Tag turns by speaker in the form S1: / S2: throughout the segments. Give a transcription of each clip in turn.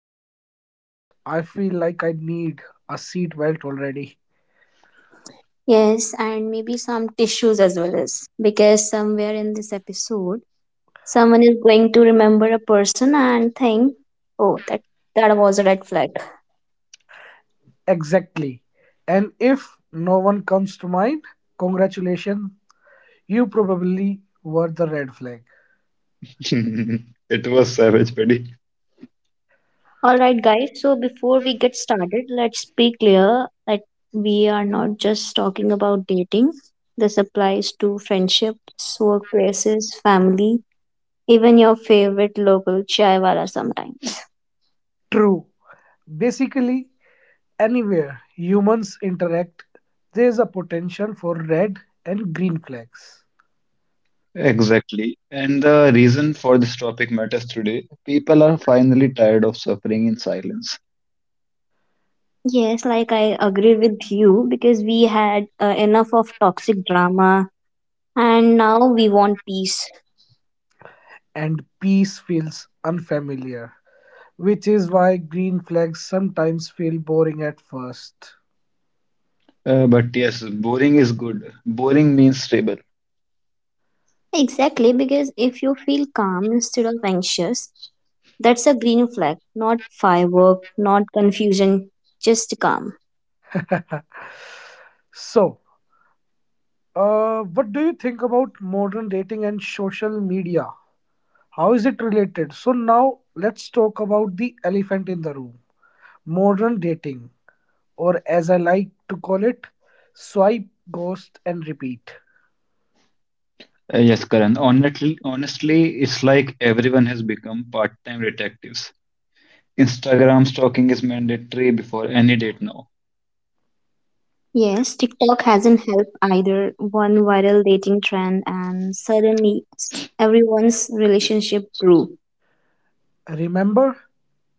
S1: dangerous. I feel like I need a seatbelt already.
S2: Yes, and maybe some tissues as well as because somewhere in this episode, someone is going to remember a person and think, oh, that was a red flag.
S1: Exactly. And if no one comes to mind, congratulations, you probably were the red flag.
S3: It was savage, buddy.
S2: All right, guys. So before we get started, let's be clear that we are not just talking about dating. This applies to friendships, workplaces, family, even your favorite local chaiwala sometimes.
S1: True. Basically, anywhere humans interact, there's a potential for red and green flags.
S3: Exactly. And the reason for this topic matters today. People are finally tired of suffering in silence.
S2: Yes, like I agree with you because we had enough of toxic drama, and now we want peace.
S1: And peace feels unfamiliar, which is why green flags sometimes feel boring at first.
S3: But yes, boring is good. Boring means stable.
S2: Exactly, because if you feel calm instead of anxious, that's a green flag, not firework, not confusion, just calm.
S1: So, what do you think about modern dating and social media? How is it related? So, now let's talk about the elephant in the room modern dating, or as I like to call it, swipe, ghost, and repeat.
S3: Yes, Karan. Honestly, it's like everyone has become part-time detectives. Instagram stalking is mandatory before any date now.
S2: Yes, TikTok hasn't helped either. One viral dating trend, and suddenly everyone's relationship grew.
S1: Remember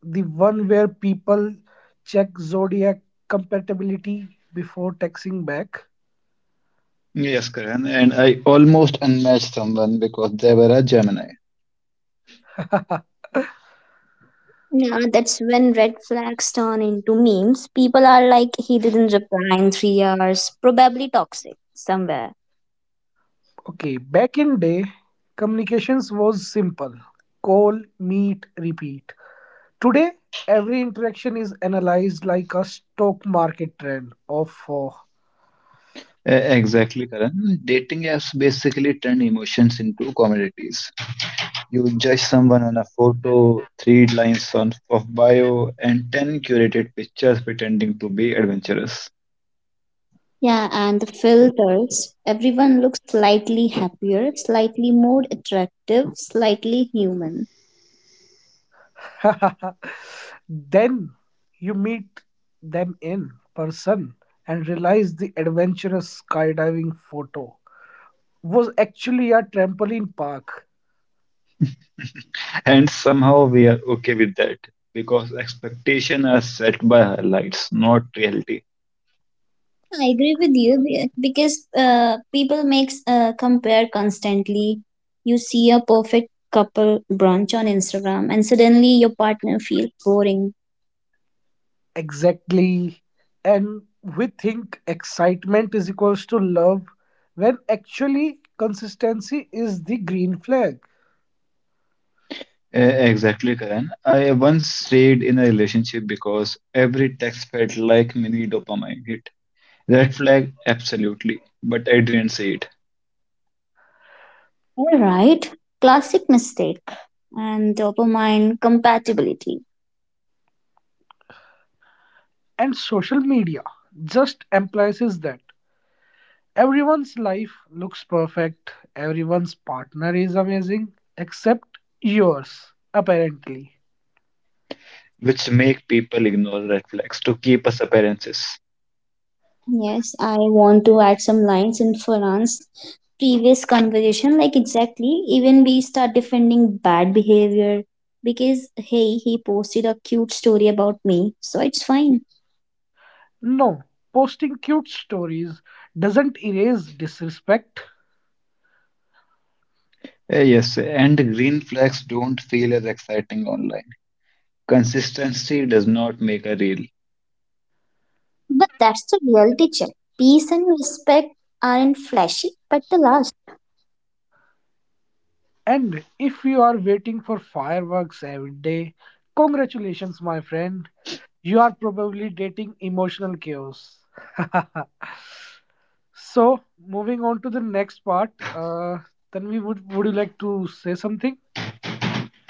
S1: the one where people check zodiac compatibility before texting back?
S3: Yes, Karan. And I almost unmatched someone because they were a Gemini.
S2: Yeah, that's when red flags turn into memes. People are like, he didn't reply in 3 hours, probably toxic somewhere.
S1: Okay, back in day, communications was simple. Call, meet, repeat. Today, every interaction is analyzed like a stock market trend. Or
S3: Uh, exactly, Karan. Dating apps basically turn emotions into commodities. You judge someone on a photo, three lines of bio, and ten curated pictures pretending to be adventurous.
S2: Yeah, and the filters. Everyone looks slightly happier, slightly more attractive, slightly human.
S1: then you meet them in person and realize the adventurous skydiving photo was actually a trampoline park.
S3: And somehow we are okay with that because expectations are set by highlights, not reality.
S2: I agree with you because people makes compare constantly. You see a perfect couple brunch on Instagram, and suddenly your partner feels boring.
S1: Exactly. And we think excitement is equals to love when actually consistency is the green flag.
S3: Exactly, Karan. I once stayed in a relationship because every text felt like mini dopamine hit. Red flag, absolutely, but I didn't see it,
S2: All right, classic mistake and dopamine compatibility.
S1: And social media just emphasizes that. Everyone's life looks perfect, everyone's partner is amazing, except yours, apparently.
S3: which make people ignore red flags to keep us appearances.
S2: Yes, I want to add some lines in Farhan's previous conversation. Like, exactly, even we start defending bad behavior because, hey, he posted a cute story about me, so it's fine.
S1: No, posting cute stories doesn't erase disrespect.
S3: Yes, and green flags don't feel as exciting online. Consistency does not make a reel.
S2: But that's the reality check. Peace and respect aren't flashy, but they last.
S1: And if you are waiting for fireworks every day, congratulations, my friend. You are probably dating emotional chaos. So, moving on to the next part, Tanvi, would you like to say something?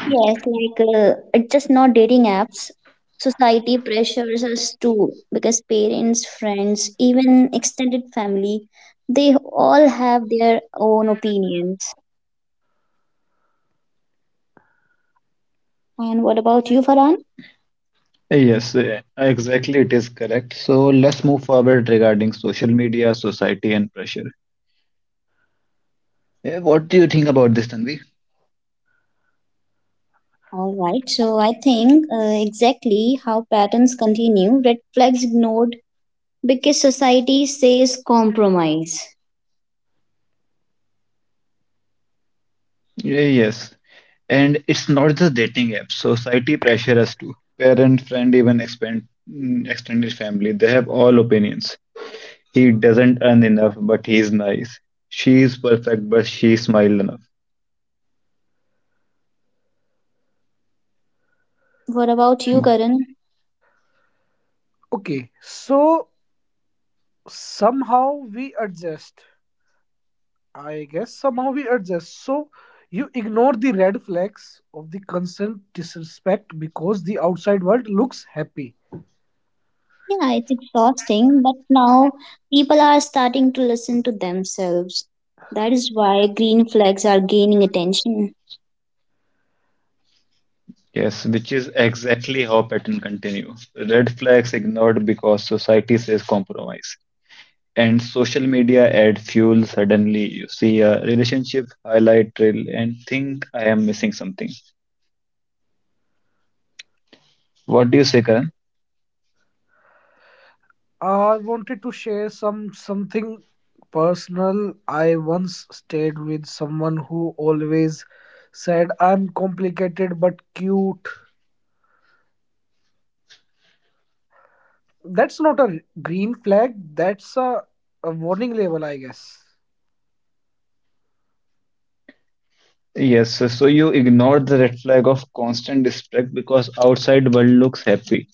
S2: Yes, it's just not dating apps. Society pressures us too because parents, friends, even extended family, they all have their own opinions. And what about you, Farhan?
S3: Yes, exactly, it is correct. So let's move forward regarding social media, society, and pressure. What do you think about this, Tanvi?
S2: All right. So I think exactly how patterns continue, red flags ignored because society says compromise.
S3: Yes, and it's not just dating app. Society pressure us too. Parent, friend, even extended family, they have all opinions. He doesn't earn enough, but he's nice. She is perfect, but she smiled enough.
S2: What about you, Karan?
S1: Okay, so somehow we adjust, I guess somehow we adjust. So you ignore the red flags of the constant disrespect because the outside world looks happy.
S2: Yeah, it's exhausting, but now people are starting to listen to themselves. That is why green flags are gaining attention.
S3: Yes, which is exactly how pattern continue. Red flags ignored because society says compromise. And social media add fuel. Suddenly, you see a relationship highlight reel and think I am missing something. What do you say, Karan?
S1: I wanted to share something personal. I once stayed with someone who always said I'm complicated but cute. That's not a green flag, that's a warning label, I guess.
S3: Yes, so you ignore the red flag of constant respect because outside world looks happy.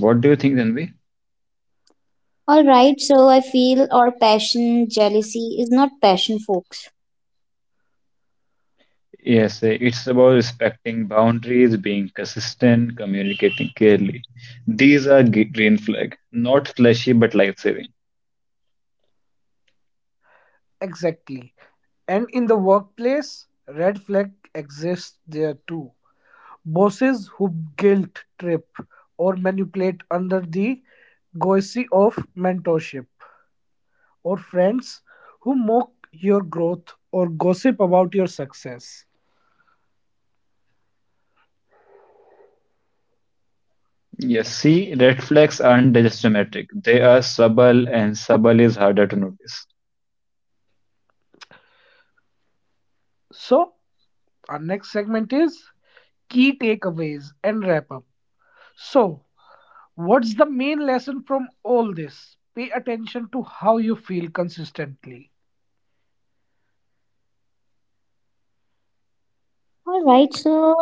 S3: What do you think, Tanvi?
S2: All right, so I feel our passion, jealousy is not passion, folks.
S3: Yes, it's about respecting boundaries, being consistent, communicating clearly. These are green flag, not flashy but life-saving.
S1: Exactly. And in the workplace, red flag exists there too. Bosses who guilt trip or manipulate under the guise of mentorship, or friends who mock your growth or gossip about your success.
S3: Yes, see, red flags aren't just dramatic. They are subtle, and subtle is harder to notice.
S1: So, our next segment is key takeaways and wrap up. So, what's the main lesson from all this? Pay attention to how you feel consistently.
S2: All right, so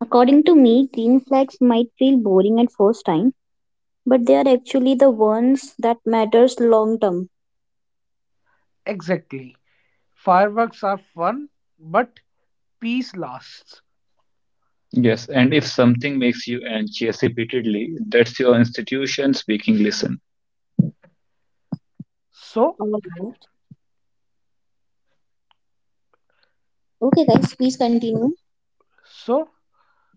S2: according to me, green flags might feel boring at first time, but they are actually the ones that matters long term.
S1: Exactly. Fireworks are fun, but peace lasts.
S3: Yes, and if something makes you anxious repeatedly, that's your institution speaking. Listen.
S1: So,
S2: All right. Okay, guys, please continue.
S1: so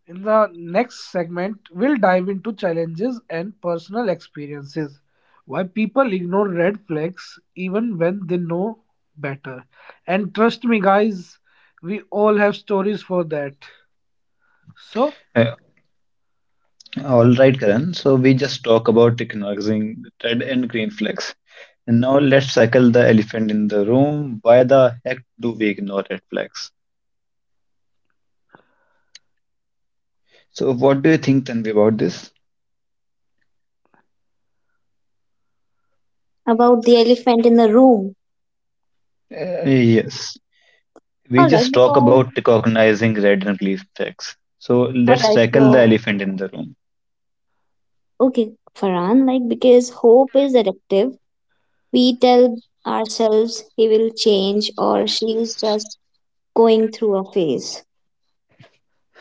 S1: in the next segment, we'll dive into challenges and personal experiences. Why people ignore red flags even when they know better. And trust me, guys, we all have stories for that. So,
S3: Uh, all right, Karan. So we just talk about recognizing red and green flags. And now let's tackle the elephant in the room. Why the heck do we ignore red flags? So what do you think, Tanvi, about this?
S2: About the elephant in the room.
S3: Yes, we
S2: All right,
S3: just talk
S2: because
S3: about recognizing red and green flags. So
S2: all
S3: let's
S2: right,
S3: tackle the
S2: so
S3: elephant in the room.
S2: okay, Farhan, like because hope is addictive. We tell ourselves he will change, or she is just going through a phase.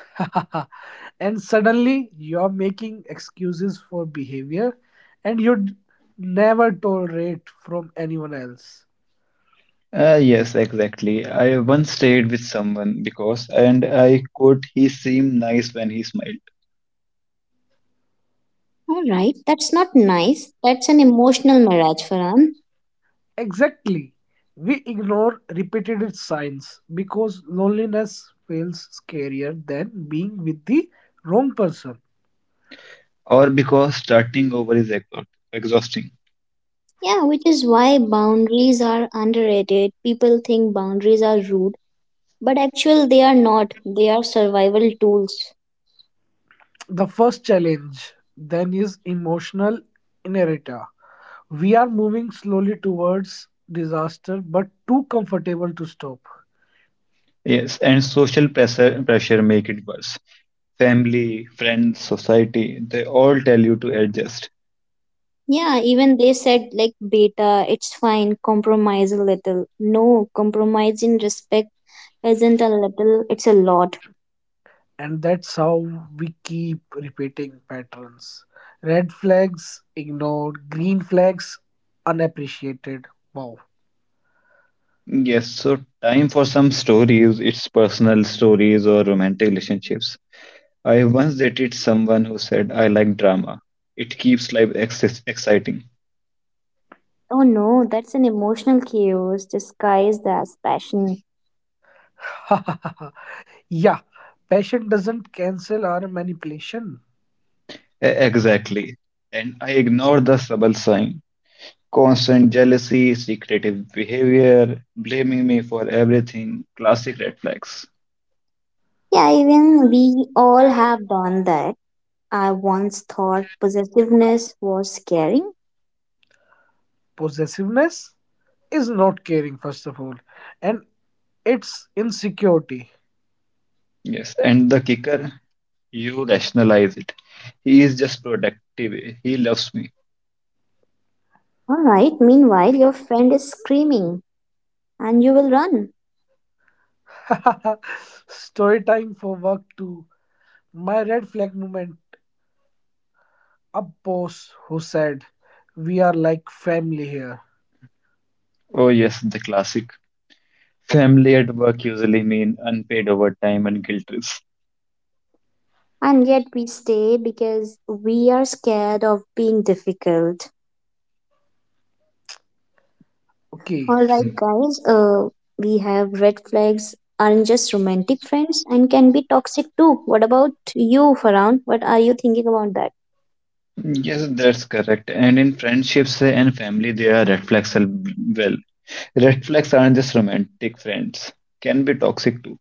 S1: and suddenly you're making excuses for behavior and you'd never tolerate from anyone else.
S3: Yes, exactly. I once stayed with someone because, and I quote, he seemed nice when he smiled,
S2: All right, that's not nice. That's an emotional mirage, Farhan.
S1: Exactly. We ignore repeated signs because loneliness feels scarier than being with the wrong person.
S3: or because starting over is exhausting.
S2: Yeah, which is why boundaries are underrated. People think boundaries are rude, but actually they are not, they are survival tools.
S1: The first challenge then is emotional inertia. We are moving slowly towards disaster but too comfortable to stop.
S3: Yes, and social pressure make it worse. Family, friends, society, they all tell you to adjust.
S2: Yeah, even they said like beta it's fine, compromise a little. No, compromise in respect isn't a little, it's a lot.
S1: And that's how we keep repeating patterns. Red flags ignored, green flags unappreciated. Wow.
S3: Yes, so time for some stories. It's personal stories or romantic relationships. I once dated someone who said, I like drama. It keeps life ex exciting.
S2: Oh no, that's an emotional chaos disguised as passion.
S1: Yeah, passion doesn't cancel our manipulation.
S3: Exactly. And I ignored the subtle sign. Constant jealousy, secretive behavior, blaming me for everything, classic red flags.
S2: Yeah, even we all have done that. I once thought possessiveness was scary.
S1: Possessiveness is not caring, first of all, and it's insecurity.
S3: Yes, and the kicker, you rationalize it. He is just protective. He loves me.
S2: All right, meanwhile your friend is screaming, and you will run.
S1: Story time for work too. My red flag moment. A boss who said, "We are like family here."
S3: Oh, yes, the classic. Family at work usually mean unpaid overtime and guilt trips.
S2: And yet we stay because we are scared of being difficult.
S1: Okay,
S3: Mm,
S2: Alright, guys, we have red flags aren't just romantic friends and can be toxic too. What about you, Farhan? What are you thinking about that?
S3: yes, that's correct. And in friendships and family, there are red flags as well. Red flags aren't just romantic friends, can be toxic too.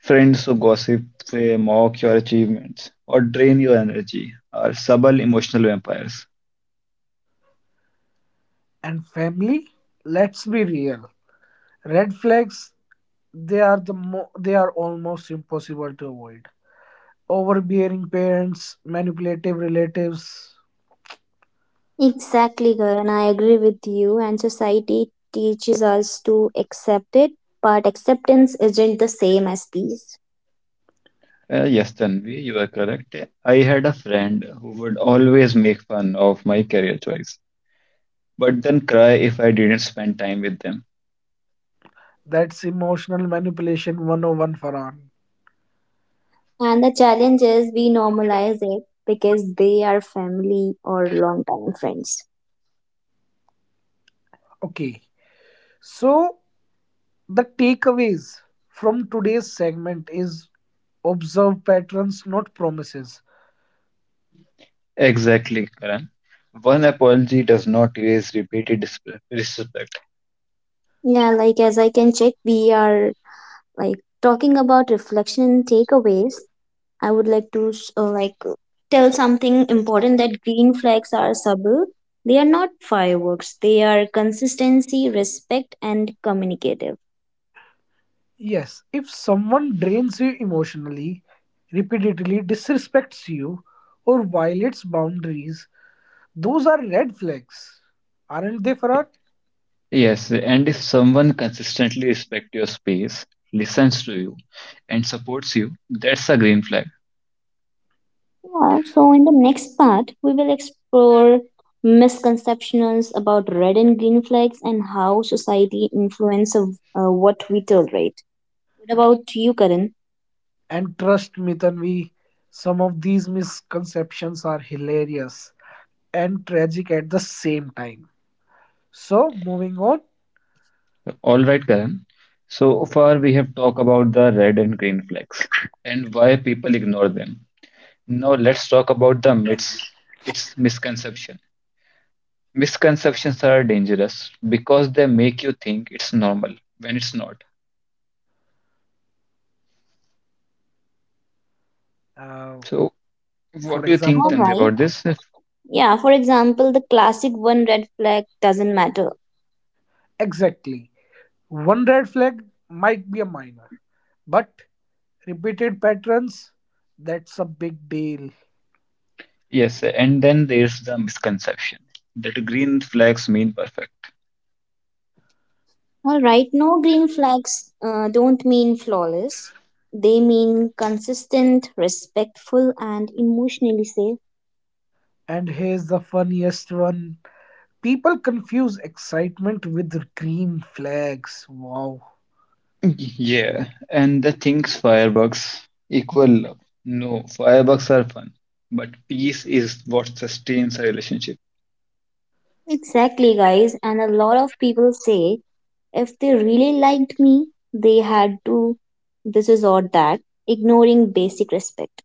S3: Friends who gossip, they mock your achievements, or drain your energy are subtle emotional vampires.
S1: and family? Let's be real. Red flags, they are the they are almost impossible to avoid. Overbearing parents, manipulative relatives,
S2: Exactly, Karan. I agree with you, and society teaches us to accept it, but acceptance isn't the same as peace.
S3: Yes, Tanvi, you are correct. I had a friend who would always make fun of my career choice, but then cry if I didn't spend time with them.
S1: that's emotional manipulation 101, Farhan.
S2: And the challenge is we normalize it because they are family or long time friends.
S1: Okay. So, the takeaways from today's segment is observe patterns, not promises.
S3: Exactly, Karan. One apology does not erase repeated disrespect.
S2: Yeah, like as I can check, we are like talking about reflection and takeaways. I would like to tell something important that green flags are subtle. They are not fireworks. They are consistency, respect, and communicative.
S1: Yes, if someone drains you emotionally, repeatedly disrespects you, or violates boundaries, those are red flags. Aren't they, Farhan?
S3: Yes, and if someone consistently respects your space, listens to you, and supports you, that's a green flag.
S2: Yeah, so in the next part, we will explore misconceptions about red and green flags and how society influences what we tolerate. What about you, Karan?
S1: And trust me, Tanvi, some of these misconceptions are hilarious and tragic at the same time. So, moving on,
S3: All right, Karen. So far, we have talked about the red and green flags and why people ignore them. Now, let's talk about the myths, its misconception. Misconceptions are dangerous because they make you think it's normal when it's not.
S1: uh,
S3: So,
S1: for
S3: what do you think,
S2: All
S1: example,
S3: Tanvi,
S2: right.
S3: about this?
S2: Yeah, for example, the classic one, red flag doesn't matter.
S1: exactly one red flag might be a minor, but repeated patterns, that's a big deal.
S3: Yes, and then there's the misconception that green flags mean perfect.
S2: All right, no, green flags don't mean flawless. They mean consistent, respectful, and emotionally safe.
S1: And here's the funniest one, people confuse excitement with green flags. Wow.
S3: Yeah, and the things fireworks equal love. No, fireworks are fun, but peace is what sustains a relationship.
S2: Exactly, guys. And a lot of people say if they really liked me, they had to this is or that, ignoring basic respect.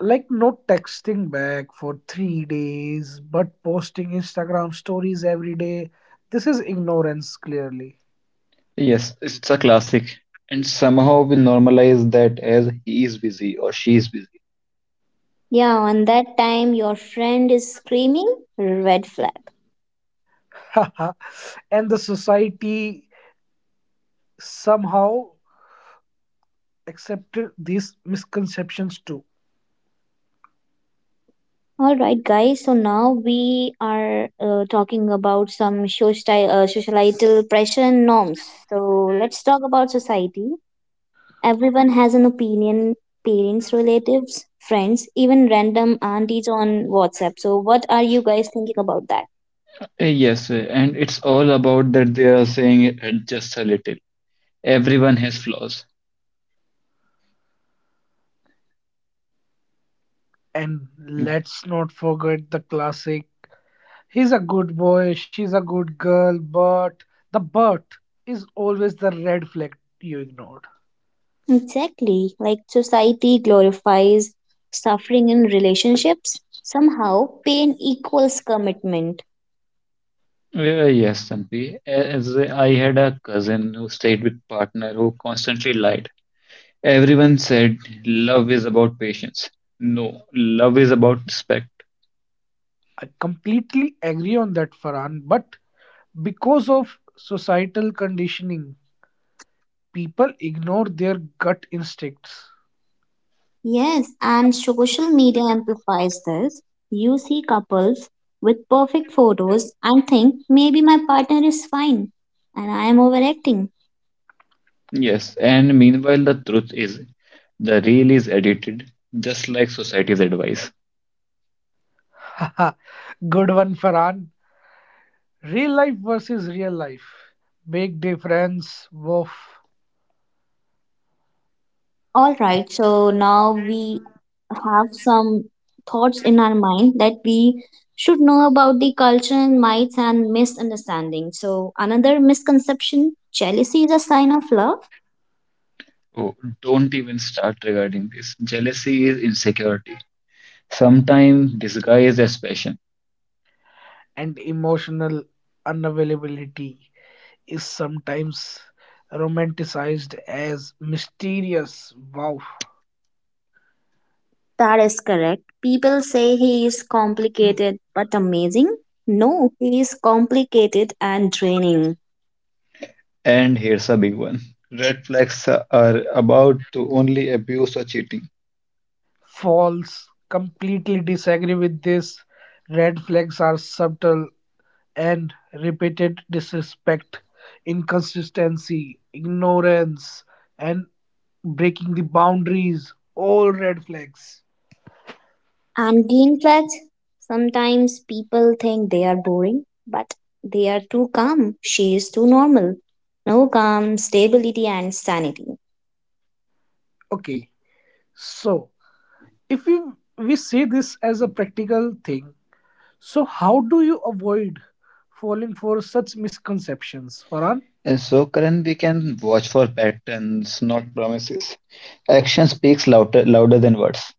S1: Like no texting back for 3 days, but posting Instagram stories every day. This is ignorance, clearly.
S3: Yes, it's a classic, and somehow we normalize that as he is busy or she is busy.
S2: Yeah, on that time your friend is screaming red flag.
S1: And the society somehow accepted these misconceptions too.
S2: All right, guys. So now we are talking about some societal pressure and norms. So let's talk about society. Everyone has an opinion. Parents, relatives, friends, even random aunties on WhatsApp. So what are you guys thinking about that?
S3: Yes, and it's all about that they are saying it just a little. Everyone has flaws.
S1: And let's not forget the classic he's a good boy, she's a good girl, but the but is always the red flag you ignored.
S2: Exactly. Like society glorifies suffering in relationships. Somehow, pain equals commitment.
S3: Yes, Tanvi. As I had a cousin who stayed with partner who constantly lied. Everyone said love is about patience. No, love is about respect.
S1: I completely agree on that, Farhan, but because of societal conditioning, people ignore their gut instincts.
S2: Yes, and social media amplifies this. You see couples with perfect photos and think maybe my partner is fine and I am overacting.
S3: Yes, and meanwhile, the truth is the reel is edited just like society's advice.
S1: Good one, Farhan. Real life versus real life. Big difference, woof.
S2: All right, so now we have some thoughts in our mind that we should know about the culture and myths and misunderstanding. So, another misconception, jealousy is a sign of love.
S3: Oh, don't even start regarding this. Jealousy is insecurity, sometimes disguised as passion.
S1: And emotional unavailability is sometimes romanticized as mysterious. Wow.
S2: That is correct. People say he is complicated but amazing. No, he is complicated and draining.
S3: And here's a big one. Red flags are about to only abuse or cheating.
S1: False. Completely disagree with this. Red flags are subtle and repeated disrespect, inconsistency, ignorance, and breaking the boundaries. All red flags.
S2: And in fact, sometimes people think they are boring, but they are too calm. She is too normal. No, calm, stability, and sanity.
S1: Okay. So, if we see this as a practical thing, so, how do you avoid falling for such misconceptions, Farhan?
S3: And so, Karan, we can watch for patterns, not promises. Action speaks louder than words.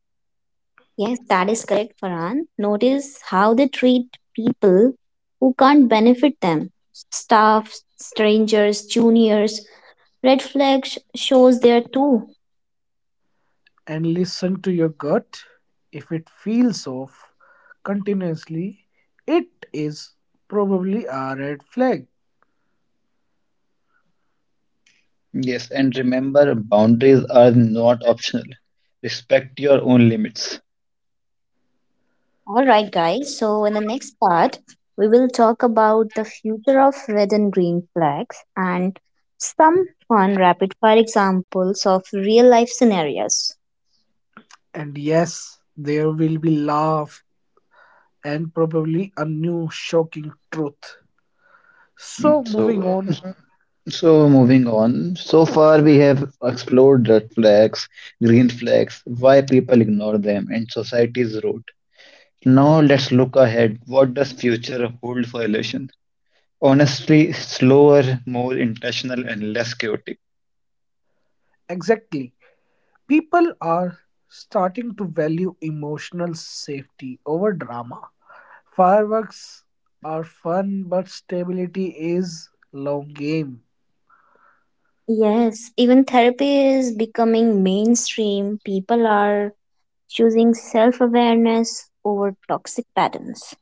S2: Yes, that is correct, Farhan. Notice how they treat people who can't benefit them, staff, strangers, juniors. Red flags shows there too.
S1: And listen to your gut. If it feels off continuously, it is probably a red flag.
S3: Yes, and remember, boundaries are not optional. Respect your own limits.
S2: All right, guys. So, in the next part, we will talk about the future of red and green flags and some fun rapid fire examples of real life scenarios.
S1: And yes, there will be laugh and probably a new shocking truth. So, moving
S3: So,
S1: on,
S3: so, moving on. So far, we have explored red flags, green flags, why people ignore them, and society's road. Now let's look ahead. What does future hold for relation? Honestly, slower, more intentional, and less chaotic.
S1: exactly. People are starting to value emotional safety over drama. Fireworks are fun, but stability is long game,
S2: Yes, even therapy is becoming mainstream. People are choosing self awareness over toxic patterns.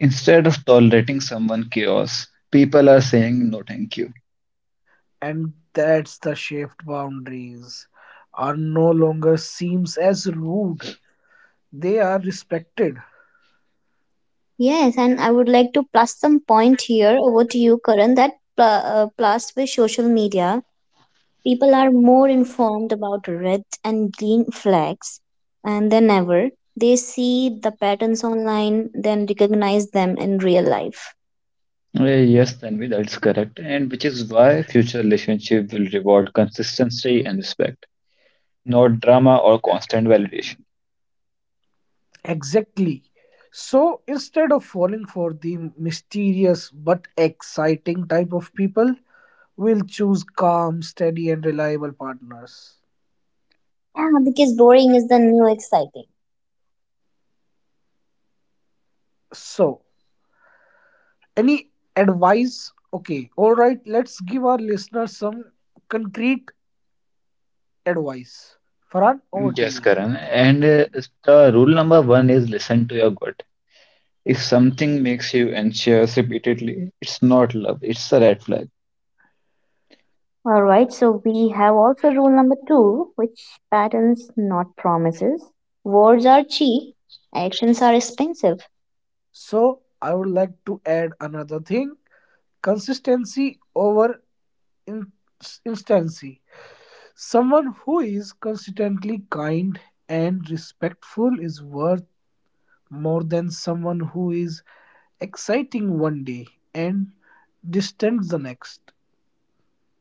S3: Instead of tolerating someone chaos, people are saying no, thank you.
S1: and that's the shift, boundaries are no longer seems as rude. They are respected.
S2: Yes, and I would like to plus some point here over to you, Karan, that plus with social media, people are more informed about red and green flags and than ever. They see the patterns online, then recognize them in real life.
S3: Yes, Tanvi, that's correct. And which is why future relationship will reward consistency and respect, not drama or constant validation.
S1: Exactly. So instead of falling for the mysterious but exciting type of people, we'll choose calm, steady, and reliable partners.
S2: Yeah, because boring is the new exciting.
S1: So, any advice? Okay, all right, let's give our listeners some concrete advice. Farhan, over to
S3: Yes,
S1: you.
S3: Karan. And the rule number one is listen to your gut. If something makes you anxious repeatedly, it's not love, it's a red flag.
S2: All right, so we have also rule number two, which patterns, not promises. Words are cheap, actions are expensive.
S1: So, I would like to add another thing, consistency over in- instancy. Someone who is consistently kind and respectful is worth more than someone who is exciting one day and distant the next.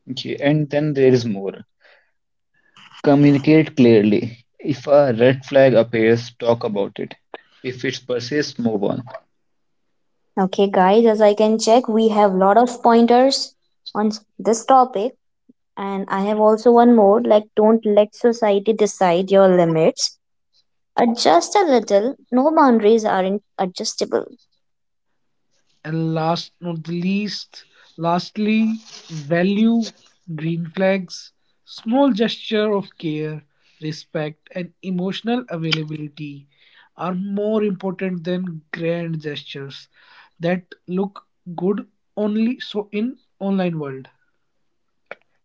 S3: Okay, and then there is more. Communicate clearly. If a red flag appears, talk about it. If it persists, move on.
S2: Okay, guys, as I can check, we have lot of pointers on this topic. And I have also one more, like, don't let society decide your limits. Adjust a little. No, boundaries are adjustable.
S1: And last not the least, lastly, value green flags, small gesture of care, respect, and emotional availability are more important than grand gestures that look good only so in online world.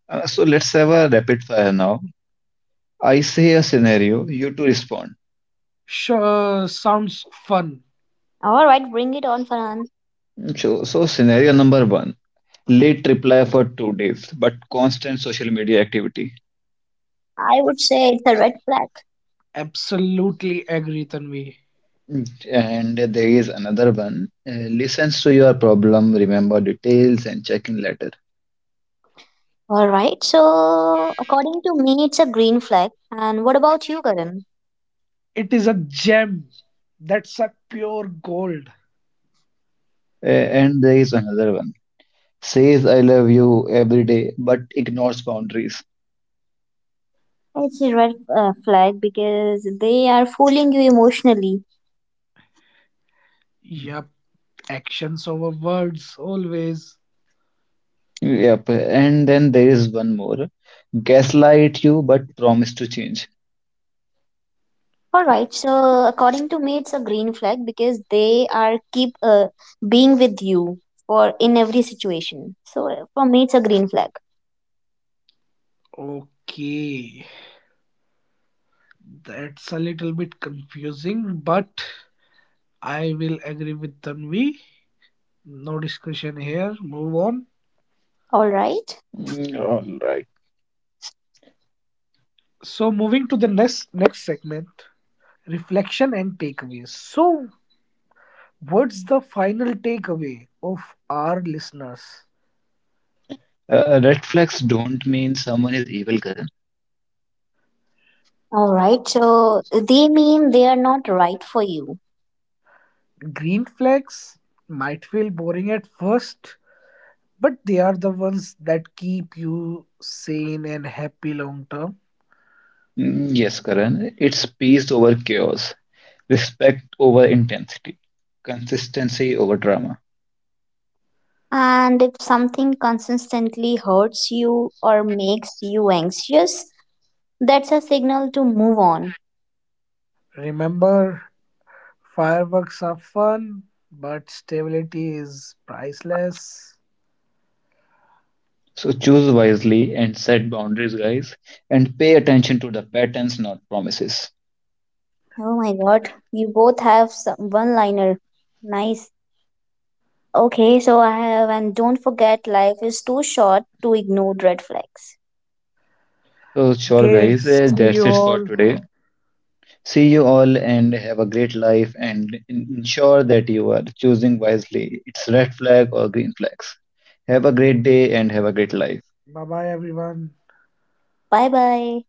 S3: So let's have a rapid fire now. I say a scenario, you two respond.
S1: Sure, sounds fun.
S2: All right, bring it on, Farhan.
S3: So, scenario number one, late reply for 2 days, but constant social media activity.
S2: I would say it's a red flag.
S1: Absolutely agree, Tanvi.
S3: Mm. And there is another one, listens to your problem, remember details, and check in later.
S2: All right, so according to me, it's a green flag. And what about you, Karan?
S1: It is a gem, that's a pure gold.
S3: And there is another one, says I love you every day, but ignores boundaries.
S2: It's a red flag because they are fooling you emotionally.
S1: Yep. Actions over words, always.
S3: Yep. And then there is one more, gaslight you, but promise to change.
S2: All right. So according to me, it's a green flag because they are keep being with you for in every situation. So for me, it's a green flag.
S1: Okay. That's a little bit confusing, but I will agree with Tanvi. No discussion here. Move on.
S2: All right.
S3: Mm, all right.
S1: So moving to the next segment, reflection and takeaways. So what's the final takeaway of our listeners?
S3: Red flags don't mean someone is evil.
S2: All right. So they mean they are not right for you.
S1: Green flags might feel boring at first, but they are the ones that keep you sane and happy long term.
S3: Mm, yes, Karan, it's peace over chaos, respect over intensity, consistency over drama.
S2: And if something consistently hurts you or makes you anxious, that's a signal to move on.
S1: Remember, fireworks are fun, but stability is priceless.
S3: So choose wisely and set boundaries, guys, and pay attention to the patterns, not promises.
S2: Oh my God. You both have some one liner. Nice. Okay, so I have, and don't forget, life is too short to ignore red flags.
S3: So, sure,
S1: Okay,
S3: guys,
S1: see
S3: that's
S1: you
S3: it for
S1: all.
S3: today. See you all and have a great life and ensure that you are choosing wisely. It's red flag or green flags. Have a great day and have a great life.
S1: Bye bye, everyone.
S2: Bye bye.